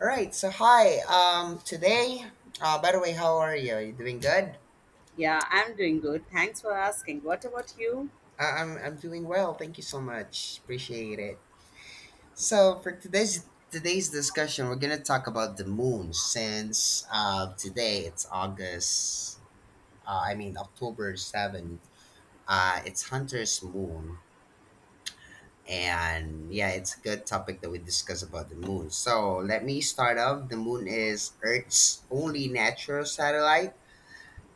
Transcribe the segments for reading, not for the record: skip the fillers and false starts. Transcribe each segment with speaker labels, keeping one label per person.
Speaker 1: All right. So hi. Today. By the way, how are you? You doing good?
Speaker 2: Yeah, I'm doing good. Thanks for asking. What about you?
Speaker 1: I'm doing well. Thank you so much. Appreciate it. So for today's discussion, we're gonna talk about the moon since today it's August. I mean October seventh. It's Hunter's moon, and yeah, it's a good topic that we discuss about the moon. So let me start off. The moon is Earth's only natural satellite.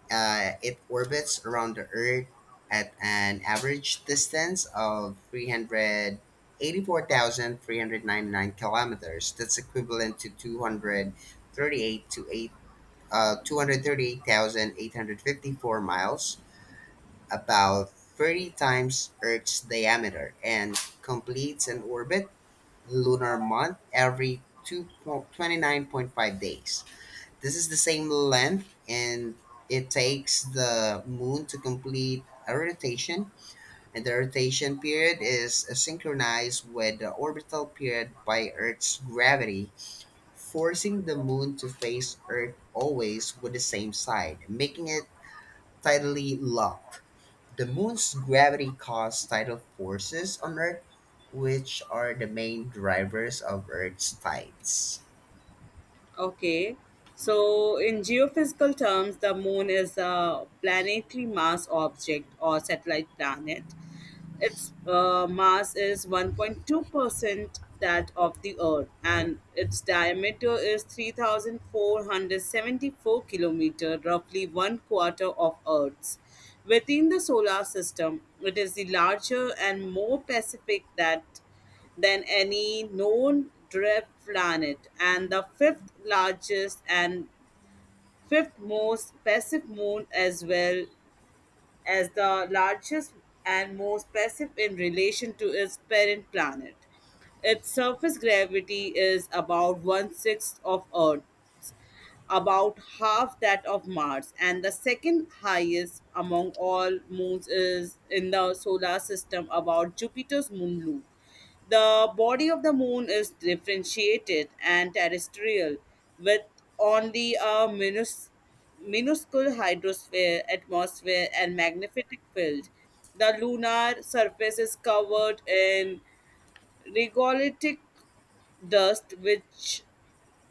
Speaker 1: It orbits around the Earth at an average distance of 384,399 kilometers. That's equivalent to 238 to 8, 238,854 miles, about 30 times Earth's diameter, and completes an orbit, lunar month every two 29.5 days. This is the same length, and it takes the moon to complete a rotation, and the rotation period is synchronized with the orbital period by Earth's gravity, forcing the moon to face Earth always with the same side, making it tidally locked. The moon's gravity causes tidal forces on Earth, which are the main drivers of Earth's tides.
Speaker 2: Okay. So, in geophysical terms, the moon is a planetary mass object or satellite planet. Its mass is 1.2% that of the Earth, and its diameter is 3,474 kilometer, roughly one quarter of Earth's. Within the solar system, it is the larger and more Pacific that than any known drift planet, and the fifth largest and fifth most passive moon as well as the largest and most passive in relation to its parent planet. Its surface gravity is about one sixth of Earth's, about half that of Mars, and the second highest among all moons is in the solar system, about Jupiter's moon Lu. The body of the moon is differentiated and terrestrial, with only a minuscule hydrosphere, atmosphere, and magnetic field. The lunar surface is covered in Regolithic dust, which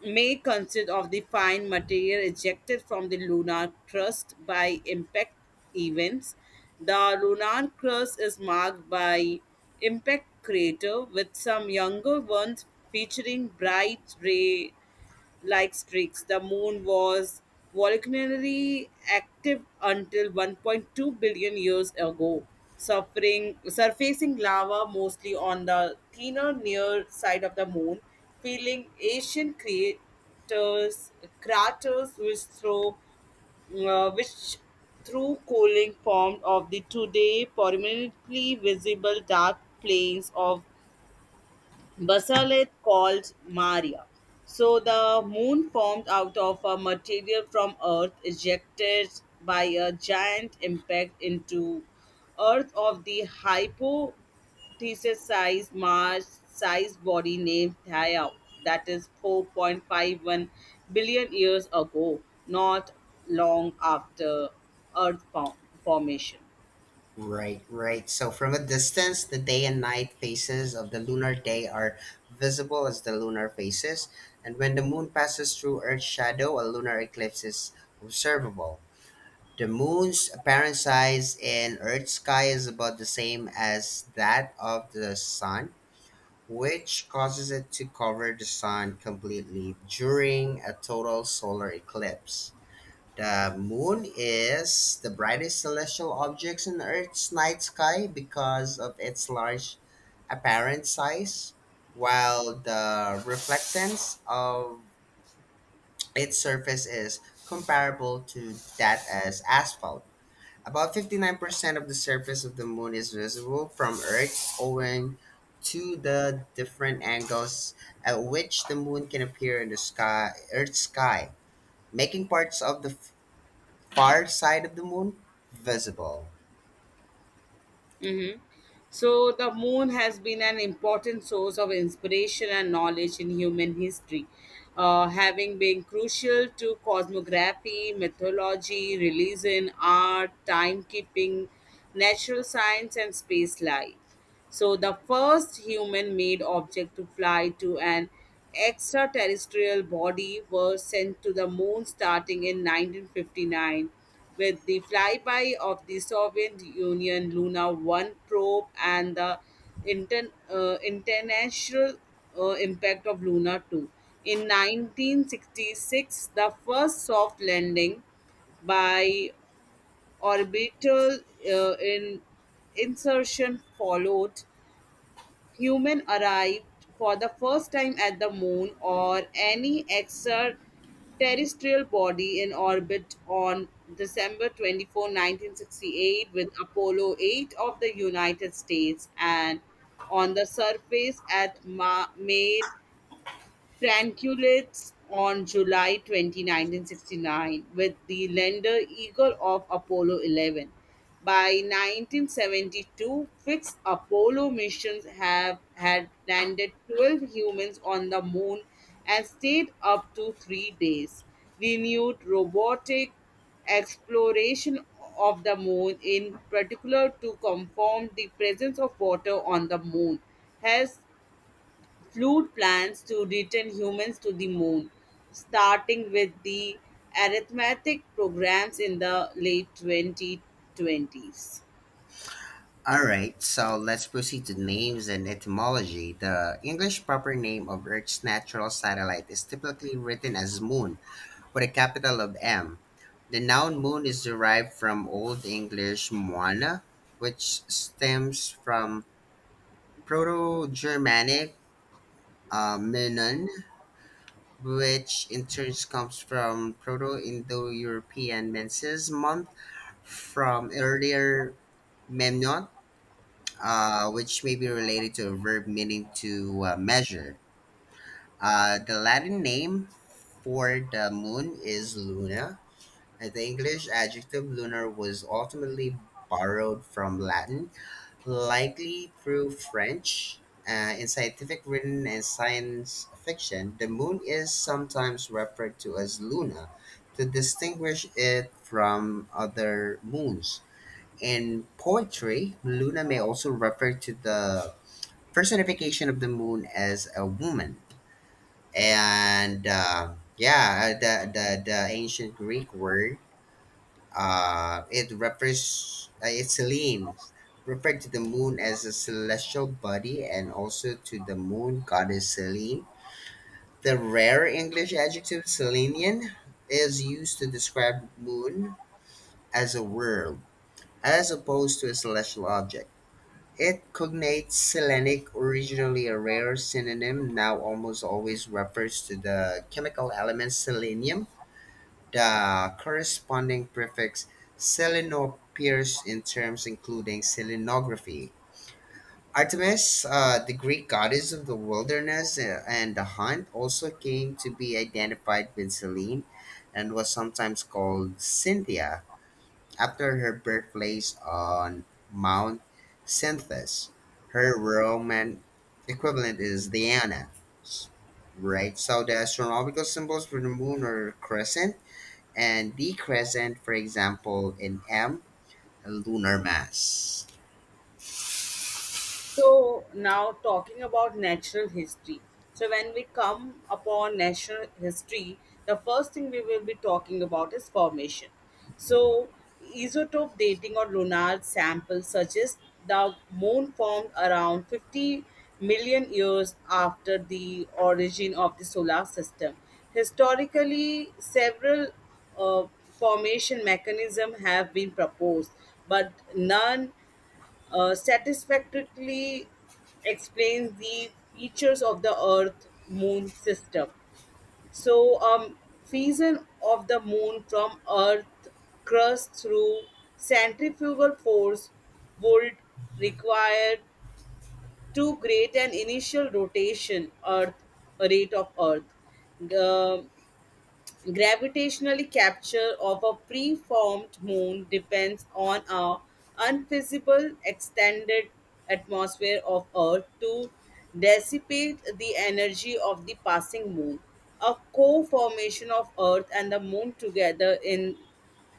Speaker 2: may consist of the fine material ejected from the lunar crust by impact events. The lunar crust is marked by impact crater with some younger ones featuring bright ray like streaks. The moon was volcanically active until 1.2 billion years ago, suffering, surfacing lava mostly on the thinner near side of the moon, filling ancient craters which uh, which through cooling formed of the today permanently visible dark plains of Basalith called Maria. So the moon formed out of a material from Earth ejected by a giant impact into Earth of the hypothesis size Mars sized body named Theia, that is 4.51 billion years ago, not long after Earth form- formation.
Speaker 1: Right, right. So from a distance, the day and night phases of the lunar day are visible as the lunar phases, and when the moon passes through Earth's shadow, a lunar eclipse is observable. The moon's apparent size in Earth's sky is about the same as that of the sun, which causes it to cover the sun completely during a total solar eclipse. The moon is the brightest celestial object in Earth's night sky because of its large apparent size, while the reflectance of its surface is comparable to that as asphalt. About 59% of the surface of the moon is visible from Earth owing to the different angles at which the moon can appear in the sky, Earth's sky, making parts of the far side of the moon visible.
Speaker 2: Hmm So, the moon has been an important source of inspiration and knowledge in human history, having been crucial to cosmography, mythology, religion, art, timekeeping, natural science, and space light. So, the first human made object to fly to an extraterrestrial body was sent to the moon starting in 1959 with the flyby of the Soviet Union Luna 1 probe and the international impact of Luna 2. In 1966, the first soft landing by orbital in insertion followed, human arrived for the first time at the moon or any extraterrestrial body in orbit on December 24, 1968 with Apollo 8 of the United States and on the surface at made Tranquillates on July 29, 1969, with the lander Eagle of Apollo 11. By 1972, six Apollo missions have had landed 12 humans on the moon and stayed up to 3 days. Renewed robotic exploration of the moon, in particular to confirm the presence of water on the moon, has flood plans to return humans to the moon, starting with the arithmetic programs in the late 2020s.
Speaker 1: All right, so let's proceed to names and etymology. The English proper name of Earth's natural satellite is typically written as moon with a capital of M. The noun moon is derived from Old English moana, which stems from Proto Germanic menon, which in turn comes from Proto Indo European menses month from earlier Memnon, which may be related to a verb meaning to measure. The Latin name for the moon is Luna, and the English adjective lunar was ultimately borrowed from Latin, likely through French. In scientific written and science fiction, the moon is sometimes referred to as Luna to distinguish it from other moons. In poetry, Luna may also refer to the personification of the moon as a woman. And yeah, the ancient Greek word, it refers, it's Selene, referred to the moon as a celestial body and also to the moon goddess Selene. The rare English adjective Selenian is used to describe moon as a world, as opposed to a celestial object. It cognates "selenic", originally a rare synonym, now almost always refers to the chemical element selenium. The corresponding prefix "seleno" appears in terms including selenography. Artemis, the Greek goddess of the wilderness and the hunt, also came to be identified with Selene and was sometimes called Cynthia. After her birthplace on Mount Cynthus, her Roman equivalent is Diana. Right, so the astronomical symbols for the moon are crescent and the crescent, for example, in M, lunar mass.
Speaker 2: So now talking about natural history. So when we come upon natural history, the first thing we will be talking about is formation.
Speaker 1: Mhm.
Speaker 2: So isotope dating or lunar samples suggest the moon formed around 50 million years after the origin of the solar system. Historically, several uh, formation mechanisms have been proposed, but none satisfactorily explains the features of the Earth Moon system. So, fission of the Moon from Earth crust through centrifugal force would require too great an initial rotation Earth rate of Earth. Um, Gravitational capture of a preformed moon depends on a unfeasible extended atmosphere of Earth to dissipate the energy of the passing moon. A co-formation of Earth and the moon together in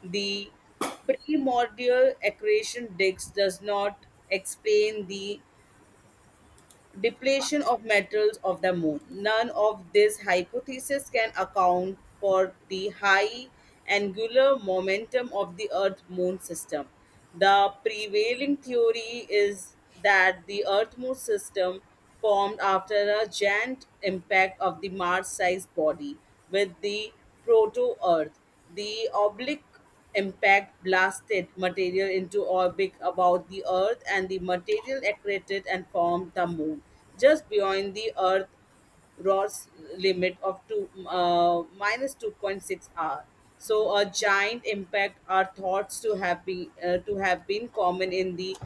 Speaker 2: the primordial accretion disk does not explain the depletion of metals of the moon. None of these hypotheses can account for the high angular momentum of the Earth moon system. The prevailing theory is that the Earth moon system formed after a giant impact of the Mars sized body with the proto Earth. The oblique impact blasted material into orbit about the Earth, and the material accreted and formed the Moon, just beyond the Earth Ross limit of two minus 2.6 R. So a giant impact are thought to have been common in the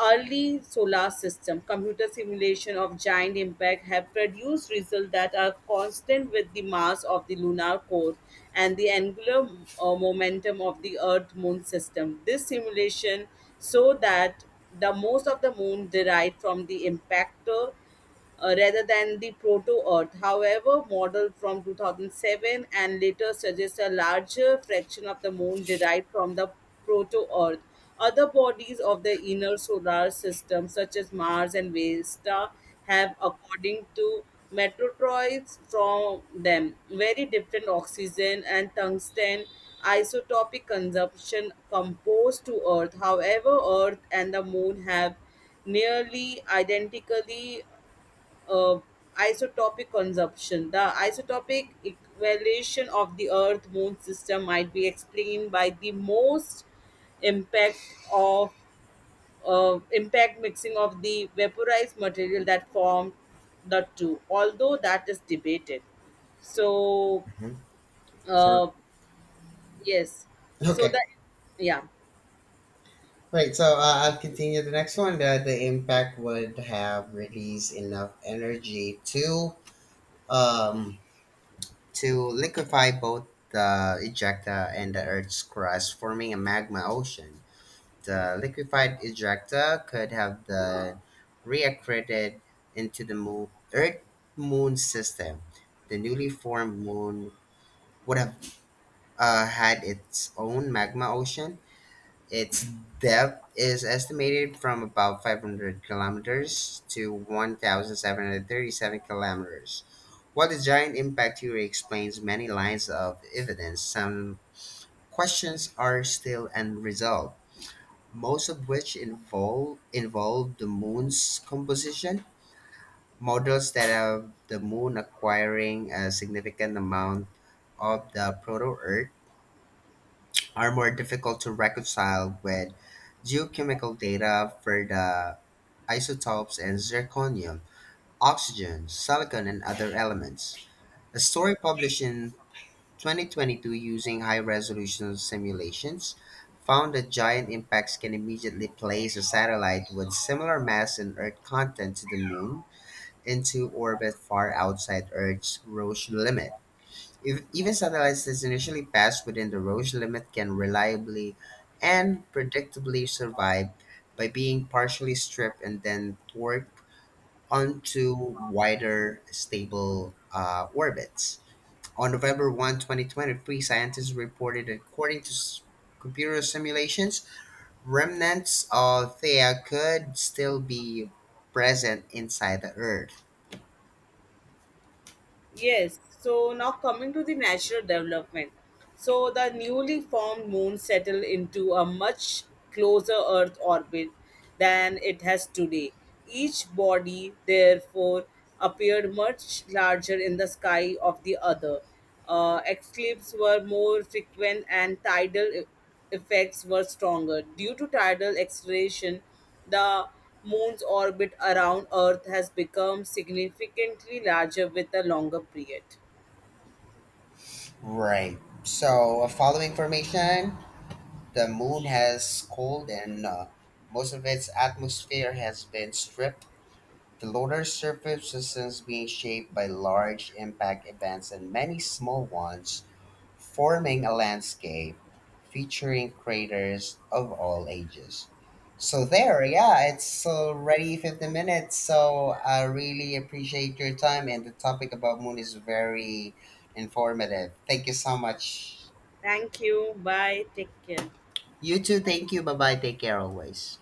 Speaker 2: early solar system. Computer simulation of giant impact have produced results that are constant with the mass of the lunar core and the angular momentum of the earth moon system. This simulation so that the most of the moon derived from the impactor, rather than the proto Earth. However, model from 2007 and later suggests a larger fraction of the moon derived from the proto Earth. Other bodies of the inner solar system, such as Mars and Vesta, have, according to metrotroids from them, very different oxygen and tungsten isotopic consumption composed to Earth. However, Earth and the Moon have nearly identically uh, isotopic consumption. The isotopic evaluation of the Earth Moon system might be explained by the most impact of impact mixing of the vaporized material that formed the two, although that is debated. So,
Speaker 1: Hmm. So.
Speaker 2: uh, yes, so that
Speaker 1: Okay.
Speaker 2: yeah,
Speaker 1: Right, so I'll continue the next one. The impact would have released enough energy um, to liquefy both the ejecta and the Earth's crust, forming a magma ocean. The liquefied ejecta could have the reaccreted into the moon, Earth Moon system. The newly formed moon would have had its own magma ocean, its depth is estimated from about 500 kilometers to 1,737 kilometers. While the giant impact theory explains many lines of evidence, some questions are still unresolved, most of which involve the moon's composition. Models that have the moon acquiring a significant amount of the proto Earth are more difficult to reconcile with geochemical data for the isotopes and zirconium, oxygen, silicon, and other elements. A story published in 2022 using high resolution simulations found that giant impacts can immediately place a satellite with similar mass and Earth content to the Moon into orbit far outside Earth's Roche limit. Even satellites that initially pass within the Roche limit can reliably and predictably survive by being partially stripped and then torqued onto wider, stable orbits. On November 1, 2023, scientists reported that according to computer simulations, remnants of Theia could still be present inside the Earth.
Speaker 2: Yes, so now coming to the natural development. So the newly formed moon settled into a much closer Earth orbit than it has today. Each body, therefore, appeared much larger in the sky of the other. Eclipses were more frequent and effects were stronger. Due to tidal acceleration, the moon's orbit around Earth has become significantly larger with a longer period.
Speaker 1: Right. So, following information. The moon has cold and most of its atmosphere has been stripped. The lunar surface is being shaped by large impact events and many small ones, forming a landscape featuring craters of all ages. So there, yeah, it's already 50 minutes. So I really appreciate your time and the topic about moon is very informative. Thank you so much.
Speaker 2: Thank you. Bye. Take care.
Speaker 1: You too, thank you. Bye-bye. Take care always.